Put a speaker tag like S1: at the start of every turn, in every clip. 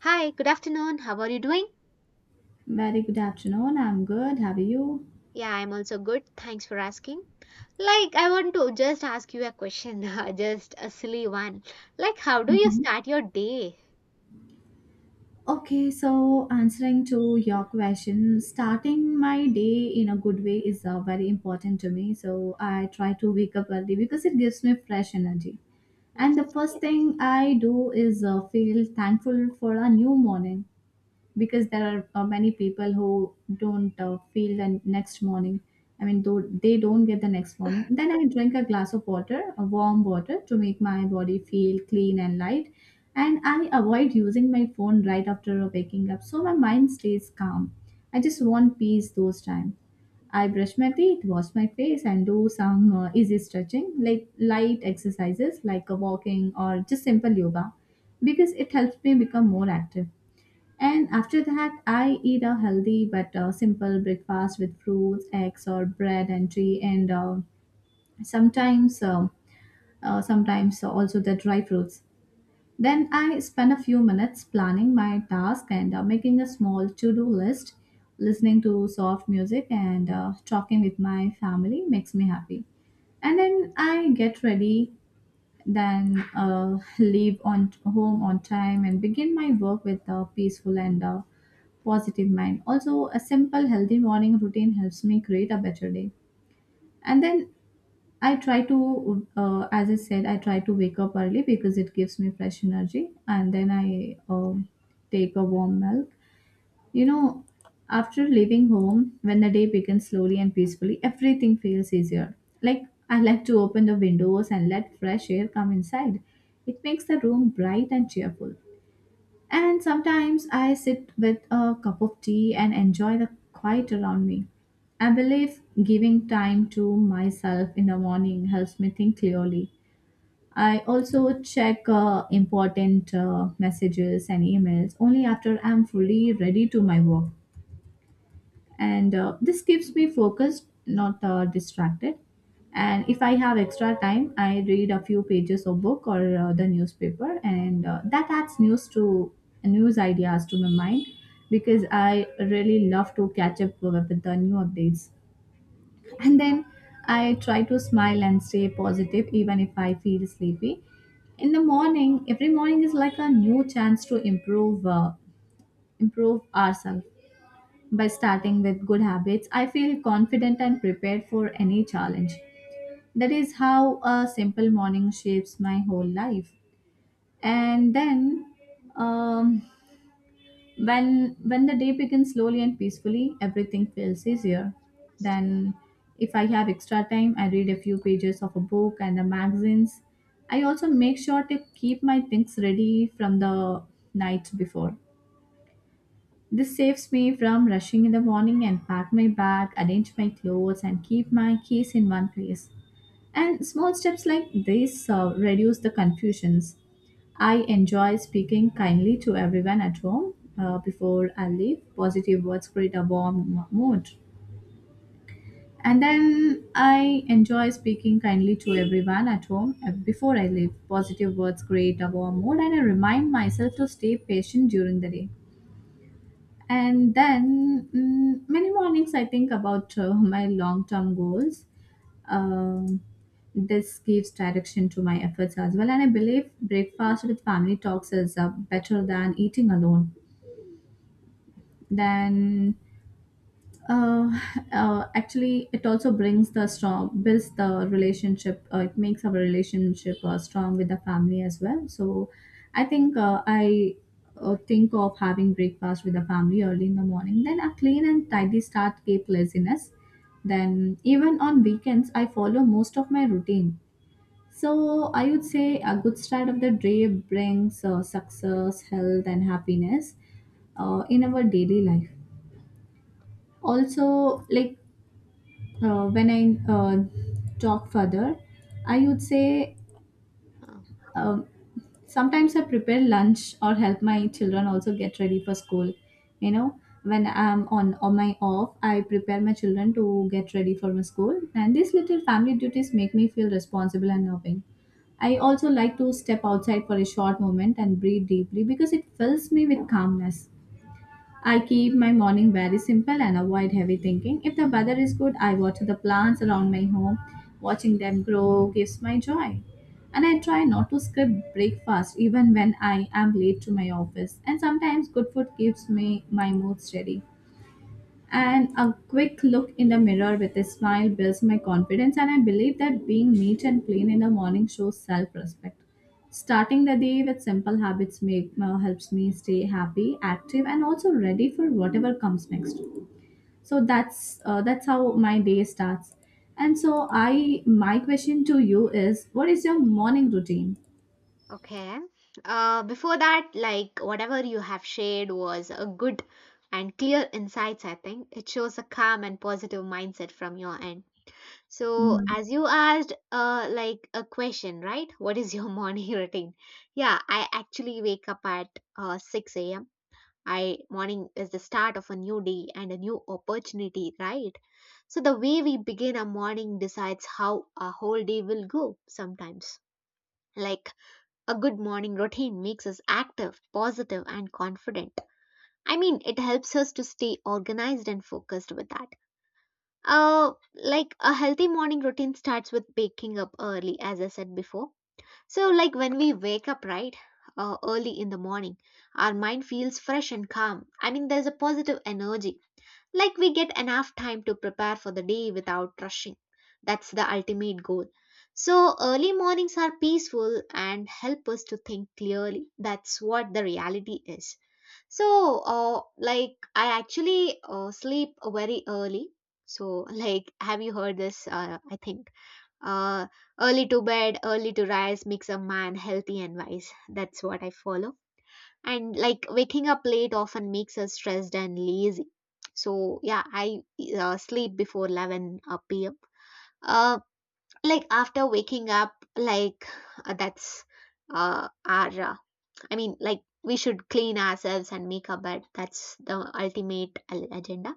S1: Hi, good afternoon. How are you doing?
S2: Very good afternoon. I'm good. How are you?
S1: Yeah, I'm also good. Thanks for asking. Like, I want to just ask you a question, just a silly one. Like, how do you
S2: Mhm.
S1: start your day?
S2: Okay, so answering to your question, starting my day in a good way is very important to me. So I try to wake up early because it gives me fresh energy. And
S1: Yes.
S2: the first thing I do is feel thankful for a new morning, because there are many people who don't feel the next morning. I mean though they don't get the next morning. Then I drink a glass of water, a warm water, to make my body feel clean and light. And I avoid using my phone right after waking up so my mind stays calm. I just want peace those times. I brush my teeth, wash my face, and do some easy stretching, like light exercises like a walking or just simple yoga, because it helps me become more active. And after that, I eat a healthy but simple breakfast with fruits, eggs, or bread and tea, and sometimes, uh, sometimes also the dry fruits. Then I spend a few minutes planning my task and making a small to-do list. Listening to soft music and talking with my family makes me happy, and then I get ready, then leave on home on time and begin my work with a peaceful and positive mind. Also, a simple healthy morning routine helps me create a better day. And then I try to, as I said, I try to wake up early because it gives me fresh energy. And then I take a warm milk. You know, after leaving home, when the day begins slowly and peacefully, everything feels easier. Like, I like to open the windows and let fresh air come inside. It makes the room bright and cheerful. And sometimes I sit with a cup of tea and enjoy the quiet around me. I believe giving time to myself in the morning helps me think clearly. I also check important messages and emails only after I'm fully ready to my work, and this keeps me focused, not distracted. And if I have extra time, I read a few pages of book or the newspaper, and that adds news ideas to my mind, because I really love to catch up with the new updates. And then I try to smile and stay positive even if I feel sleepy in the morning. Every morning is like a new chance to improve ourselves. By starting with good habits, I feel confident and prepared for any challenge. That is how a simple morning shapes my whole life. And then, um, when the day begins slowly and peacefully, everything feels easier. Then, if I have extra time, I read a few pages of a book and the magazines. I also make sure to keep my things ready from the night before. This saves me from rushing in the morning, and pack my bag, arrange my clothes, and keep my keys in one place. And small steps like this reduce the confusions. I enjoy speaking kindly to everyone at home before I leave. Positive words create a warm mood. And then I enjoy speaking kindly to everyone at home before I leave. Positive words create a warm mood, and I remind myself to stay patient during the day. And then many mornings I think about my long term goals. Um, this gives direction to my efforts as well. And I believe breakfast with family talks is better than eating alone. Then uh, Actually, it also brings the strong builds the relationship, it makes our relationship strong with the family as well. So I think, I think of having breakfast with the family early in the morning. Then a clean and tidy start keep laziness. Then even on weekends I follow most of my routine. So I would say a good start of the day brings success, health, and happiness in our daily life. Also, like when I uh, talk further, I would say,
S1: Oh,
S2: um, sometimes I prepare lunch or help my children also get ready for school. You know, when I'm on my off, I prepare my children to get ready for my school, and these little family duties make me feel responsible and loving. I also like to step outside for a short moment and breathe deeply because it fills me with calmness. I keep my morning very simple and avoid heavy thinking. If the weather is good, I water the plants around my home. Watching them grow gives my joy. And I try not to skip breakfast even when I am late to my office. And sometimes good food keeps me my mood steady. And a quick look in the mirror with a smile builds my confidence, and I believe that being neat and clean in the morning shows self respect. Starting the day with simple habits helps me stay happy, active, and also ready for whatever comes next. So that's how my day starts. And so I my question to you is, what is your morning routine?
S1: okay. Before that, like, whatever you have shared was a good and clear insights, I think. It shows a calm and positive mindset from your end. So,
S2: Mhm.
S1: as you asked, like, a question, right? What is your morning routine? Yeah, I actually wake up at 6 a.m. I morning is the start of a new day and a new opportunity, right? So the way we begin a morning decides how a whole day will go sometimes. Like a good morning routine makes us active, positive and confident. I mean, it helps us to stay organized and focused with that. Like a healthy morning routine starts with waking up early, as I said before. So, like when we wake up, right, early in the morning, our mind feels fresh and calm. I mean, there's a positive energy. Like we get enough time to prepare for the day without rushing. That's the ultimate goal. So, early mornings are peaceful and help us to think clearly. That's what the reality is. So, like, I actually sleep very early. So, like, have you heard this? I think. Uh, Early to bed, early to rise makes a man healthy and wise. That's what I follow. And like waking up late often makes us stressed and lazy. So yeah, I sleep before 11 p.m. Uh, like after waking up, like that's our I mean, like we should clean ourselves and make our bed. That's the ultimate agenda.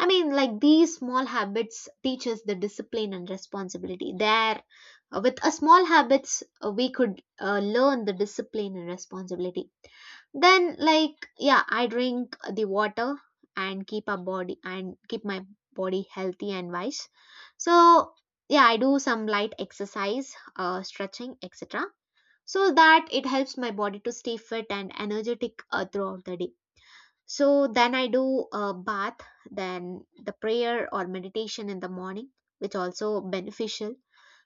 S1: I mean, like these small habits teach us the discipline and responsibility. There, with a small habits, we could learn the discipline and responsibility. Then, like yeah, I drink the water and keep our body and keep my body healthy and wise. So yeah, I do some light exercise, stretching, etc. So that it helps my body to stay fit and energetic throughout the day. So then I do a bath, then the prayer or meditation in the morning, which also beneficial.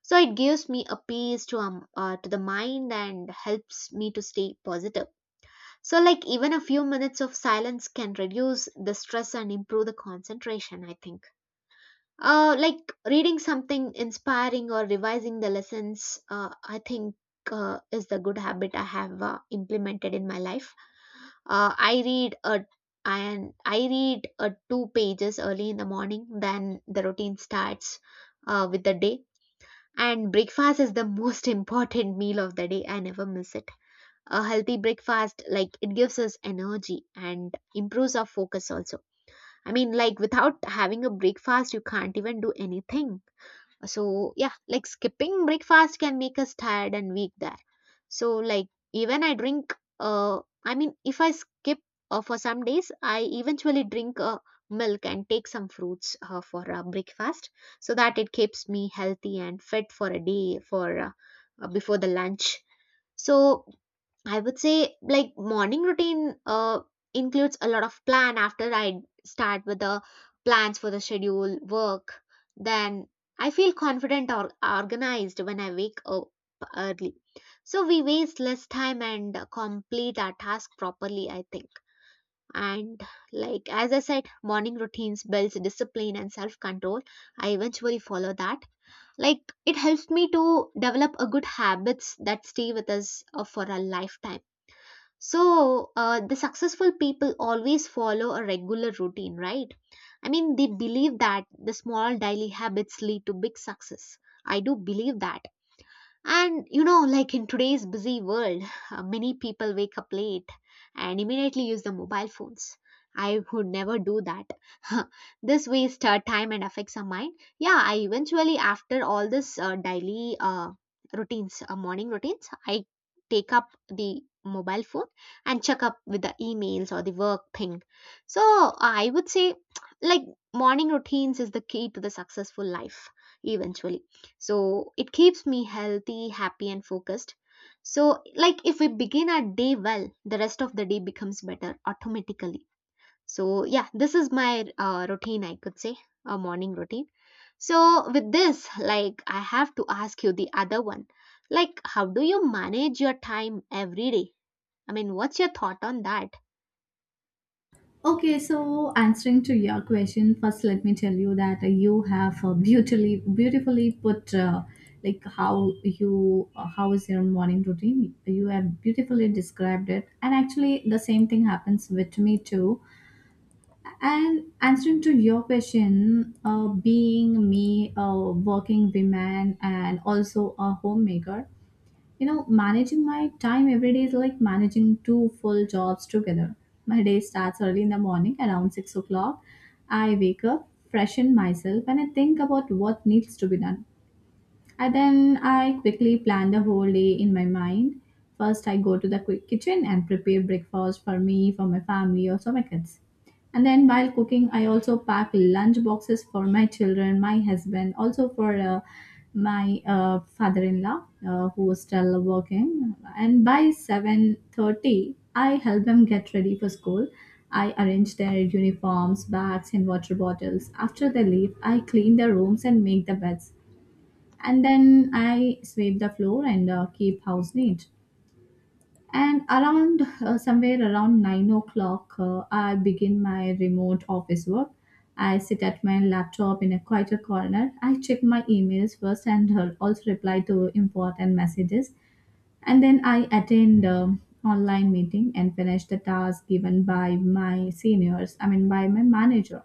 S1: So it gives me a peace to the mind and helps me to stay positive. So like even a few minutes of silence can reduce the stress and improve the concentration, I think. Like reading something inspiring or revising the lessons, I think is the good habit I have implemented in my life. I read a and I read two pages early in the morning. Then the routine starts with the day. And breakfast is the most important meal of the day. I never miss it. A healthy breakfast, like it gives us energy and improves our focus also. I mean, like without having a breakfast, you can't even do anything. So, yeah, like skipping breakfast can make us tired and weak there. So, like, even I drink, I mean, if I skip for some days, I eventually drink milk and take some fruits for breakfast, so that it keeps me healthy and fit for a day for before the lunch. So, I would say like morning routine includes a lot of plan after I start with the plans for the schedule, work. Then I feel confident or organized when I wake up early. So we waste less time and complete our task properly, I think. And like as I said, morning routines builds discipline and self-control. I eventually follow that. Like it helps me to develop a good habits that stay with us for a lifetime. So, the successful people always follow a regular routine, right? I mean, they believe that the small daily habits lead to big success. I do believe that. And you know, like in today's busy world, many people wake up late and immediately use the mobile phones. I would never do that. This wastes time and affects our mind. Yeah, I eventually, after all this daily morning routines, I take up the mobile phone and check up with the emails or the work thing. So I would say, like, morning routines is the key to the successful life eventually. So it keeps me healthy, happy, and focused. So, like if we begin our day well, the rest of the day becomes better automatically. So, yeah, this is my routine, I could say, a morning routine. So, with this, like I have to ask you the other one. Like, how do you manage your time every day? I mean, what's your thought on that?
S2: Okay, so answering to your question, first let me tell you that you have beautifully put, like how you how is your morning routine. You have beautifully described it, and actually the same thing happens with me too. And answering to your question, being me, a working woman, and also a homemaker, you know, managing my time every day is like managing two full jobs together. My day starts early in the morning around 6 o'clock. I wake up, freshen myself, and I think about what needs to be done. And then I quickly plan the whole day in my mind. First, I go to the quick kitchen and prepare breakfast for me, for my family, or for my kids. And then while cooking, I also pack lunch boxes for my children, my husband, also for my father-in-law who is still working. And by 7:30, I help them get ready for school. I arrange their uniforms, bags, and water bottles. After they leave, I clean their rooms and make the beds, and then I sweep the floor and keep house neat. And around somewhere around 9 o'clock, I begin my remote office work. I sit at my laptop in a quieter corner. I check my emails first and also reply to important messages. And then I attend online meeting and finish the task given by my seniors. I mean by my manager.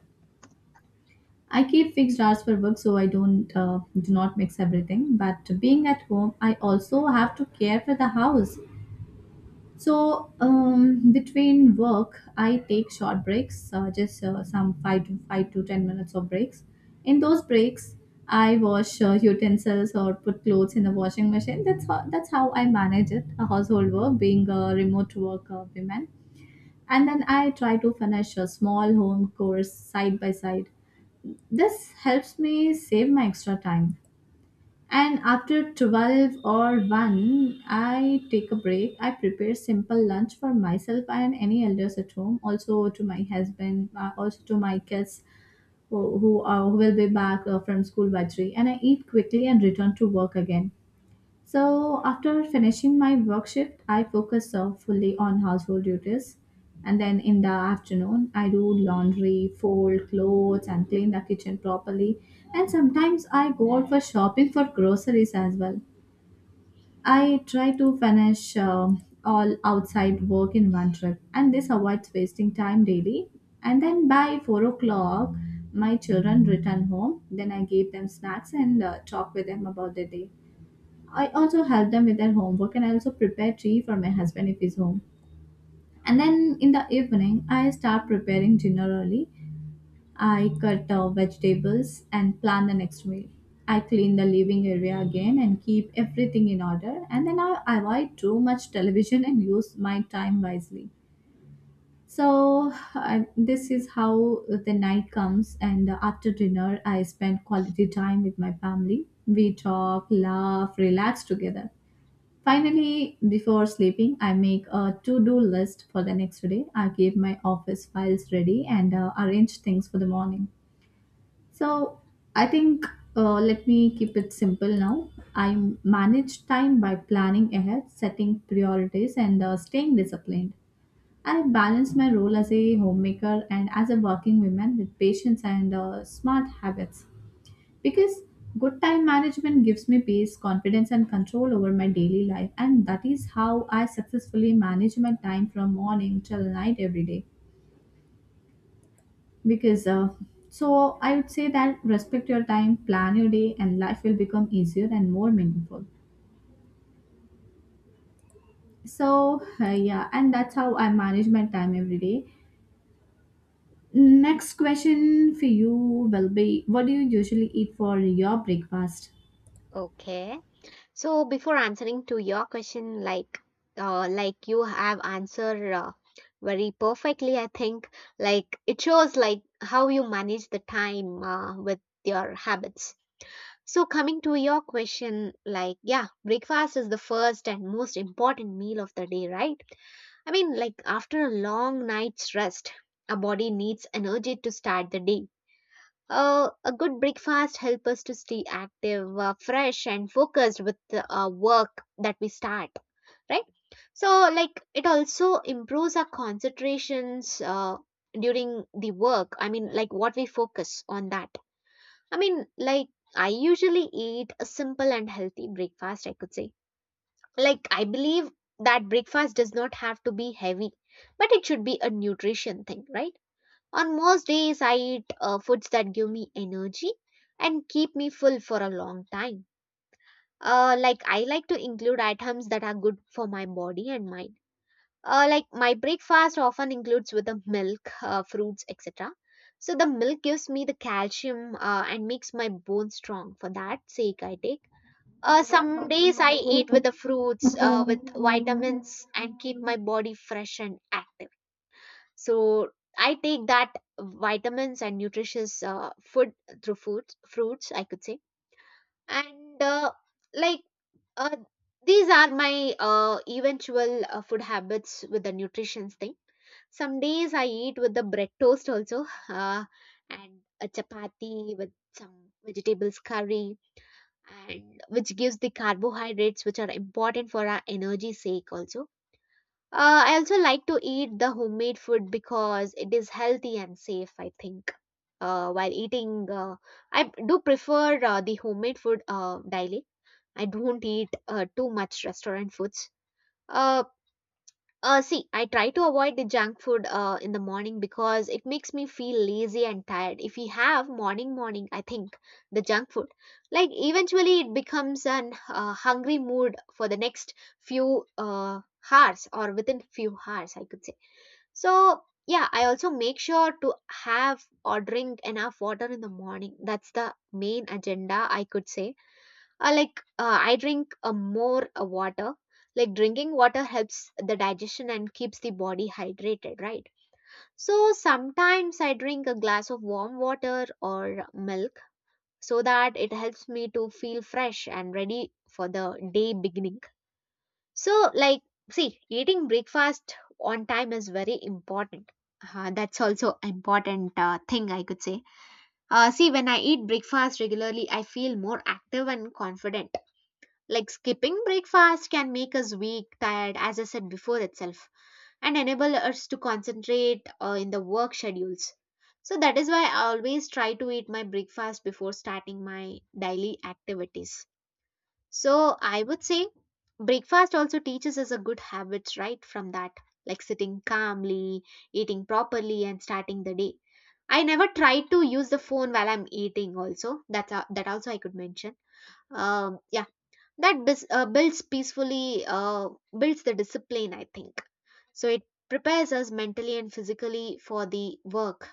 S2: I keep fixed hours for work so I don't do not mix everything. But being at home, I also have to care for the house. So between work, I take short breaks, just some five to ten minutes of breaks. In those breaks, I wash utensils or put clothes in the washing machine. That's how I manage it. A household work, being a remote work woman, and then I try to finish a small home course side by side. This helps me save my extra time. And after 12 or 1, I take a break. I prepare simple lunch for myself and any elders at home, also to my husband, also to my kids who will be back from school by 3. And I eat quickly and return to work again. So, after finishing my work shift, I focus fully on household duties. And then in the afternoon, I do laundry, fold clothes, and clean the kitchen properly. And sometimes I go out for shopping for groceries as well. I try to finish all outside work in one trip, and this avoids wasting time daily. And then by 4 o'clock, my children return home. Then I give them snacks and talk with them about the day. I also help them with their homework, and I also prepare tea for my husband if he's home. And then in the evening, I start preparing dinner early. I cut vegetables and plan the next meal. I clean the living area again and keep everything in order. And then I avoid too much television and use my time wisely. So, this is how the night comes. And after dinner, I spend quality time with my family. We talk, laugh, relax together. Finally, before sleeping, I make a to do list for the next day. I keep my office files ready and arrange things for the morning. So, I think, let me keep it simple now. I manage time by planning ahead, setting priorities, and staying disciplined. I balance my role as a homemaker and as a working woman with patience and smart habits. Because good time management gives me peace, confidence, and control over my daily life, and that is how I successfully manage my time from morning till night every day. Because so I would say that respect your time, plan your day, and life will become easier and more meaningful. And that's how I manage my time every day. Next question for you will be: what do you usually eat for your breakfast?
S1: Okay. So before answering to your question, like you have answered very perfectly, I think, like it shows like how you manage the time with your habits. So coming to your question, like yeah, breakfast is the first and most important meal of the day, right? I mean, like after a long night's rest, our body needs energy to start the day. A good breakfast helps us to stay active, fresh, and focused with the work that we start, right? So, like, it also improves our concentrations during the work. I mean, like, what we focus on that. I mean, like, I usually eat a simple and healthy breakfast, I could say. Like, I believe that breakfast does not have to be heavy, but it should be a nutrition thing, right? On most days, I eat foods that give me energy and keep me full for a long time. Like, I like to include items that are good for my body and mind. Like, my breakfast often includes with the milk, fruits, etc. So, the milk gives me the calcium and makes my bones strong. For that sake, I take. Some days I eat with the fruits, with vitamins, and keep my body fresh and active. So I take that vitamins and nutritious food through foods fruits, I could say. And like uh, these are my eventual food habits with the nutrition thing. Some days I eat with the bread toast also, uh, and a chapati with some vegetables curry, and which gives the carbohydrates, which are important for our energy sake also. I also like to eat the homemade food because it is healthy and safe, I think. While eating, I do prefer the homemade food daily. I don't eat too much restaurant foods. Uh, See, I try to avoid the junk food in the morning because it makes me feel lazy and tired. If we have morning, I think the junk food, like eventually it becomes an hungry mood for the next few hours or within few hours, I could say. So yeah, I also make sure to have or drink enough water in the morning. That's the main agenda, I could say. Like I drink more water. Like drinking water helps the digestion and keeps the body hydrated, right? So sometimes I drink a glass of warm water or milk, so that it helps me to feel fresh and ready for the day beginning. So like, see, eating breakfast on time is very important. That's also important thing I could say. See, when I eat breakfast regularly, I feel more active and confident. Like skipping breakfast can make us weak, tired, as I said before itself, and enable us to concentrate in the work schedules. So that is why I always try to eat my breakfast before starting my daily activities. So I would say breakfast also teaches us a good habits right from that, like sitting calmly, eating properly, and starting the day. I never try to use the phone while I'm eating also. That's a, that also I could mention. Yeah, builds peacefully builds the discipline, I think. So it prepares us mentally and physically for the work.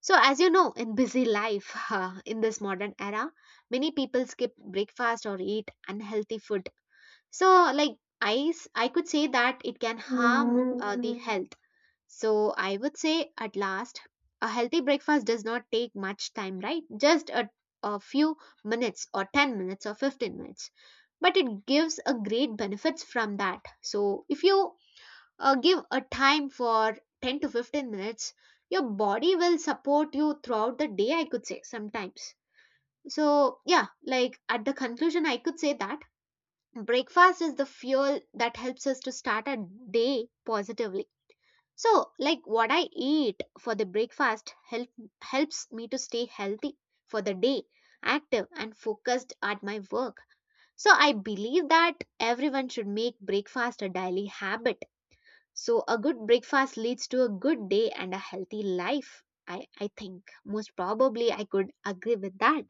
S1: So as you know, in busy life in this modern era, many people skip breakfast or eat unhealthy food. So, like, I could say that it can harm the health. So I would say, at last, a healthy breakfast does not take much time, right? A few minutes or 10 minutes or 15 minutes, but it gives a great benefits from that. So if you give a time for 10 to 15 minutes, your body will support you throughout the day, I could say sometimes. So yeah, like, at the conclusion, I could say that breakfast is the fuel that helps us to start a day positively. So, like, what I eat for the breakfast helps me to stay healthy for the day, active and focused at my work. So I believe that everyone should make breakfast a daily habit. So a good breakfast leads to a good day and a healthy life. I think most probably I could agree with that.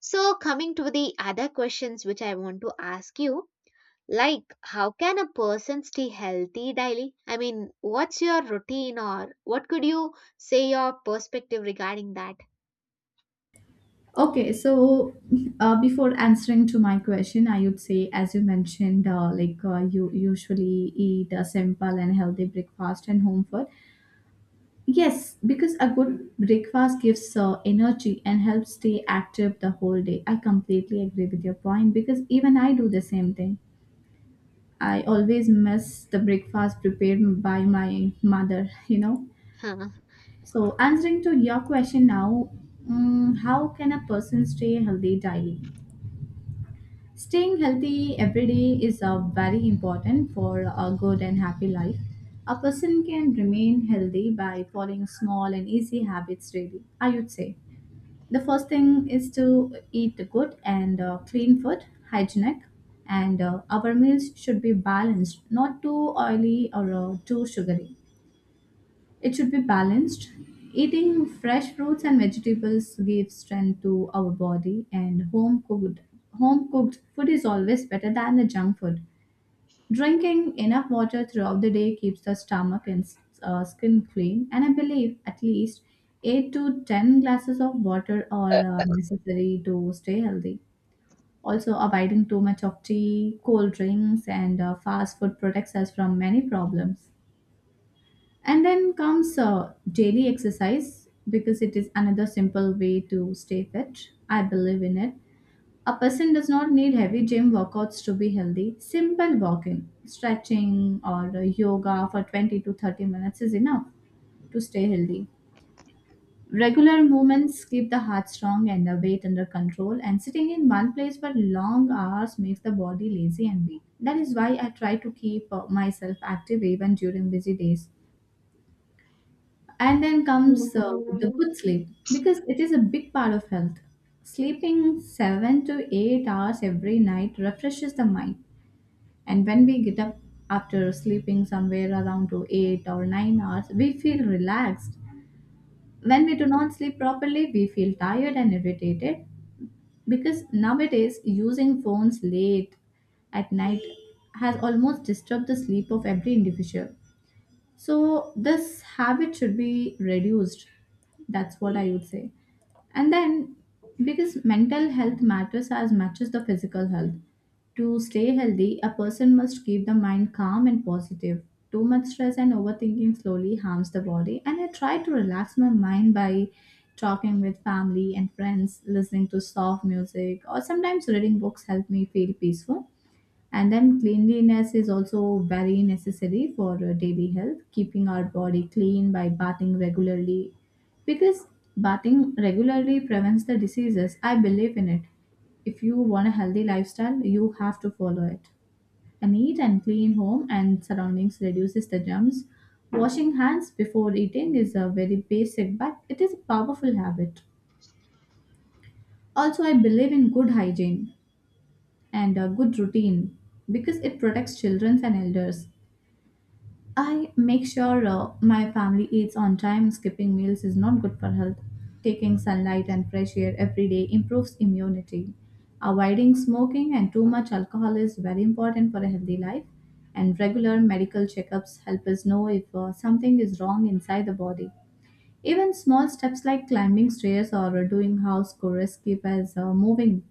S1: So coming to the other questions which I want to ask you, like, how can a person stay healthy daily? I mean, what's your routine, or what could you say your perspective regarding that?
S2: Okay, so before answering to my question, I would say, as you mentioned, you usually eat a simple and healthy breakfast and home food. Yes, because a good breakfast gives energy and helps stay active the whole day. I completely agree with your point because even I do the same thing. I always miss the breakfast prepared by my mother, you know. So answering to your question now, how can a person stay healthy daily? Staying healthy every day is very important for a good and happy life. A person can remain healthy by following small and easy habits, really, I would say. The first thing is to eat good and clean food, hygienic, and our meals should be balanced, not too oily or too sugary. It should be balanced. Eating fresh fruits and vegetables gives strength to our body, and home cooked food is always better than the junk food. Drinking enough water throughout the day keeps the stomach and skin clean, and I believe at least 8 to 10 glasses of water are necessary to stay healthy. Also, avoiding too much of tea, cold drinks and fast food protects us from many problems. And then comes daily exercise, because it is another simple way to stay fit. I believe in it. A person does not need heavy gym workouts to be healthy. Simple walking, stretching, or yoga for 20 to 30 minutes is enough to stay healthy. Regular movements keep the heart strong and the weight under control, and sitting in one place for long hours makes the body lazy and weak. That is why I try to keep myself active even during busy days. And then comes the
S1: Huh.
S2: good sleep, because it is a big part of health. Sleeping 7 to 8 hours every night refreshes the mind. And when we get up after sleeping somewhere around to 8 or 9 hours, we feel relaxed. When we do not sleep properly, we feel tired and irritated, because nowadays using phones late at night has almost disturbed the sleep of every individual. So this habit should be reduced. That's what I would say. And then, because mental health matters as much as the physical health. To stay healthy, a person must keep the mind calm and positive. Too much stress and overthinking slowly harms the body. And I try to relax my mind by talking with family and friends, listening to soft music, or sometimes reading books help me feel peaceful. And then cleanliness is also very necessary for daily health, keeping our body clean by bathing regularly. Because bathing regularly prevents the diseases, I believe in it. If you want a healthy lifestyle, you have to follow it. A neat and clean home and surroundings reduces the germs. Washing hands before eating is a very basic, but it is a powerful habit. Also, I believe in good hygiene and a good routine, because it protects children and elders. I make sure my family eats on time. Skipping meals is not good for health. Taking sunlight and fresh air every day improves immunity. Avoiding smoking and too much alcohol is very important for a healthy life. And regular medical checkups help us know if something is wrong inside the body. Even small steps like climbing stairs or doing house chores keep us moving,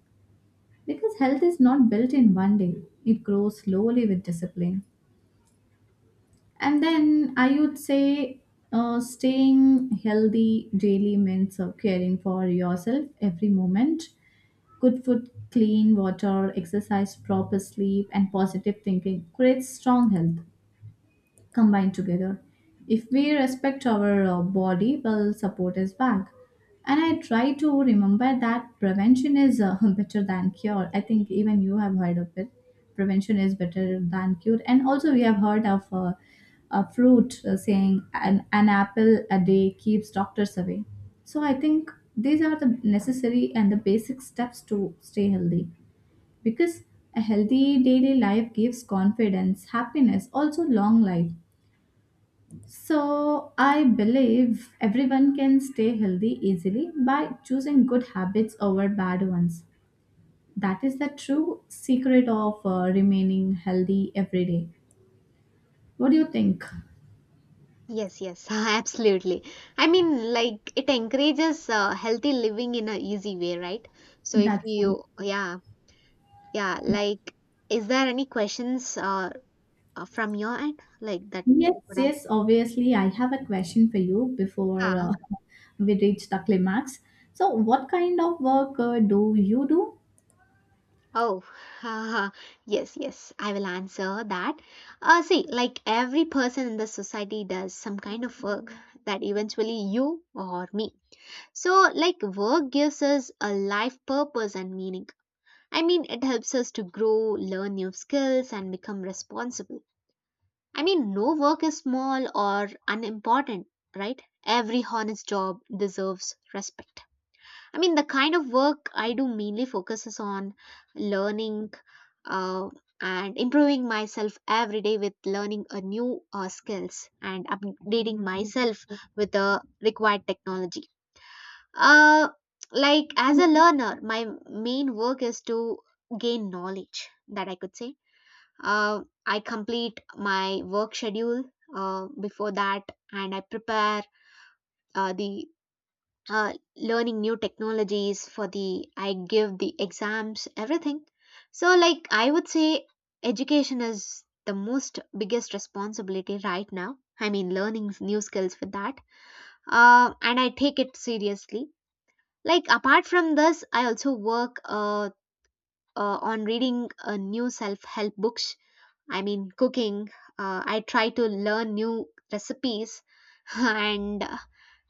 S2: because health is not built in one day, it grows slowly with discipline. And then I would say staying healthy daily means of caring for yourself every moment. Good food, clean water, exercise, proper sleep, and positive thinking creates strong health combined together. If we respect our body, well, support is back. And I try to remember that prevention is better than cure. I think even you have heard of it. Prevention is better than cure. And also, we have heard of a fruit saying, an apple a day keeps doctors away. So I think these are the necessary and the basic steps to stay healthy, because a healthy daily life gives confidence, happiness, also long life. So, I believe everyone can stay healthy easily by choosing good habits over bad ones. That is the true secret of remaining healthy every day. What do you think?
S1: Yes, yes, absolutely. I mean, like, it encourages healthy living in a easy way, right? So if
S2: That's true.
S1: you, yeah, yeah, like, is there any questions from your end, like that?
S2: Yes,
S1: You could ask?
S2: yes, obviously. I have a question for you before
S1: Ah,
S2: we reach the climax. So, what kind of work do you do?
S1: oh, yes, yes, I will answer that. See, like, every person in the society does some kind of work that eventually you or me. So, like, work gives us a life purpose and meaning. I mean, it helps us to grow, learn new skills, and become responsible. I mean, no work is small or unimportant, right? Every honest job deserves respect. I mean, the kind of work I do mainly focuses on learning uh, and improving myself every day with learning a new skills and updating myself with the required technology. Uh, like, as a learner, my main work is to gain knowledge, that I could say. I complete my work schedule before that, and I prepare the learning new technologies for the I give the exams, everything. So, like, I would say education is the most biggest responsibility right now. I mean, learning new skills for that. And I take it seriously. Like, apart from this, I also work on reading new self-help books. I mean, cooking. I try to learn new recipes, and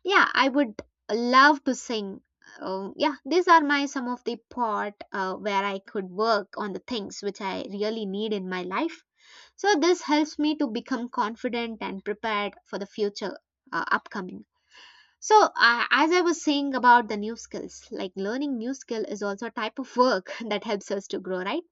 S1: yeah, I would love to sing. Yeah, these are my some of the part where I could work on the things which I really need in my life. So this helps me to become confident and prepared for the future upcoming. So, as I was saying about the new skills, like, learning new skill is also a type of work that helps us to grow, right?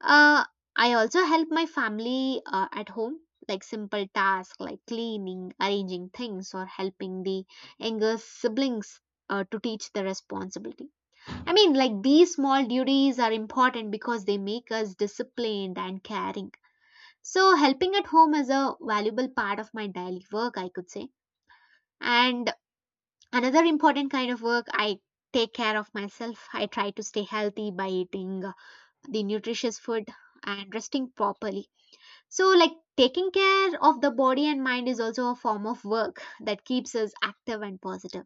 S1: Uh, I also help my family at home, like, simple tasks like cleaning, arranging things, or helping the younger siblings to teach the responsibility. I mean, like, these small duties are important because they make us disciplined and caring. So, helping at home is a valuable part of my daily work, I could say. And another important kind of work, I take care of myself. I try to stay healthy by eating the nutritious food and resting properly. So, like, taking care of the body and mind is also a form of work that keeps us active and positive.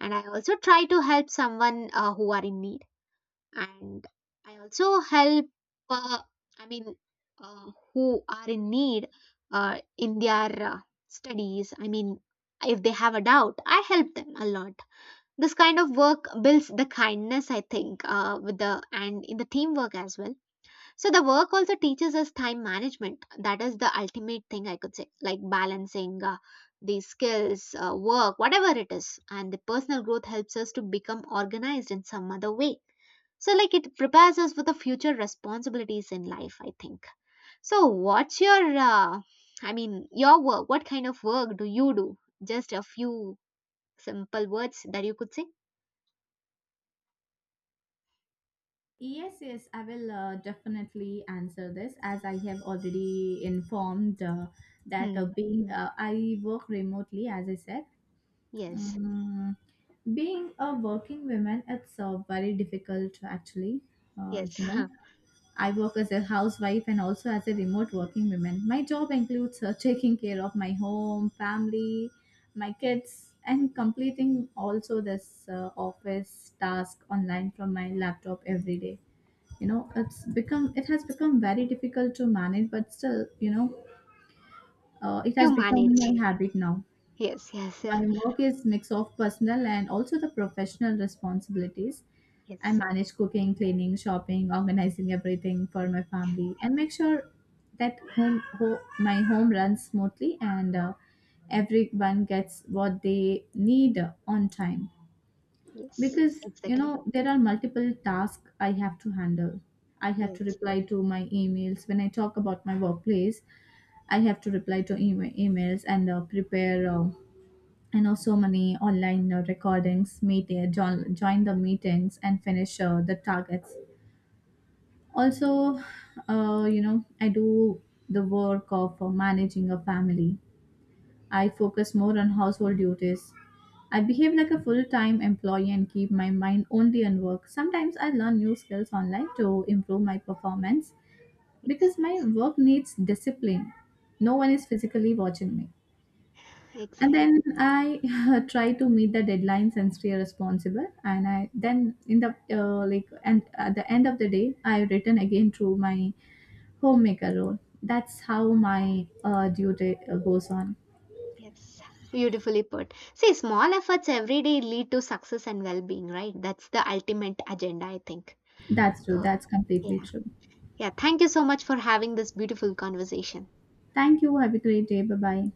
S1: And I also try to help someone who are in need, and I also help uh, i mean who are in need uh, in their studies. I mean, if they have a doubt, I help them a lot. This kind of work builds the kindness, I think, with the and in the teamwork as well. So the work also teaches us time management. That is the ultimate thing I could say. Like, balancing the skills, work, whatever it is, and the personal growth helps us to become organized in some other way. So, like, it prepares us for the future responsibilities in life, I think. So, what's your uh, i mean your work, what kind of work do you do? Just a few simple words that you could say.
S2: Yes, yes, I will definitely answer this, as I have already informed that
S1: Hmm.
S2: being I work remotely, as I said.
S1: Yes,
S2: Um, being a working woman, it's very difficult actually.
S1: yes.
S2: You know, I work as a housewife and also as a remote working woman. My job includes taking care of my home, family, my kids, and completing also this office task online from my laptop every day. You know, it's become, it has become very difficult to manage, but still, you know, it
S1: You
S2: has become
S1: manage.
S2: my habit now.
S1: Yes, yes, yeah.
S2: My work is mix of personal and also the professional responsibilities. I
S1: Yes,
S2: manage cooking, cleaning, shopping, organizing everything for my family, and make sure that my home runs smoothly and everyone gets what they need on time.
S1: yes.
S2: Because you
S1: Exactly.
S2: know there are multiple tasks I have to handle. I have to
S1: Yes,
S2: reply to my emails when I talk about my workplace. I have to reply to emails and prepare you know so many online recordings, meet join the meetings and finish the targets also. You know, I do the work of managing a family. I focus more on household duties. I behave like a full time employee and keep my mind only on work. Sometimes I learn new skills online to improve my performance,
S1: yes,
S2: because my work needs discipline. No one
S1: yes.
S2: is physically watching me. And
S1: Exactly.
S2: then I try to meet the deadlines and stay responsible. And I then in the like and at the end of the day, I return again to my homemaker role. That's how my duty goes on.
S1: Yes. Beautifully put. See, small efforts every day lead to success and well-being, right? That's the ultimate agenda, I think.
S2: That's true.
S1: So,
S2: That's completely
S1: yeah.
S2: true.
S1: Yeah, thank you so much for having this beautiful conversation.
S2: Thank you. Have a great day. Bye bye.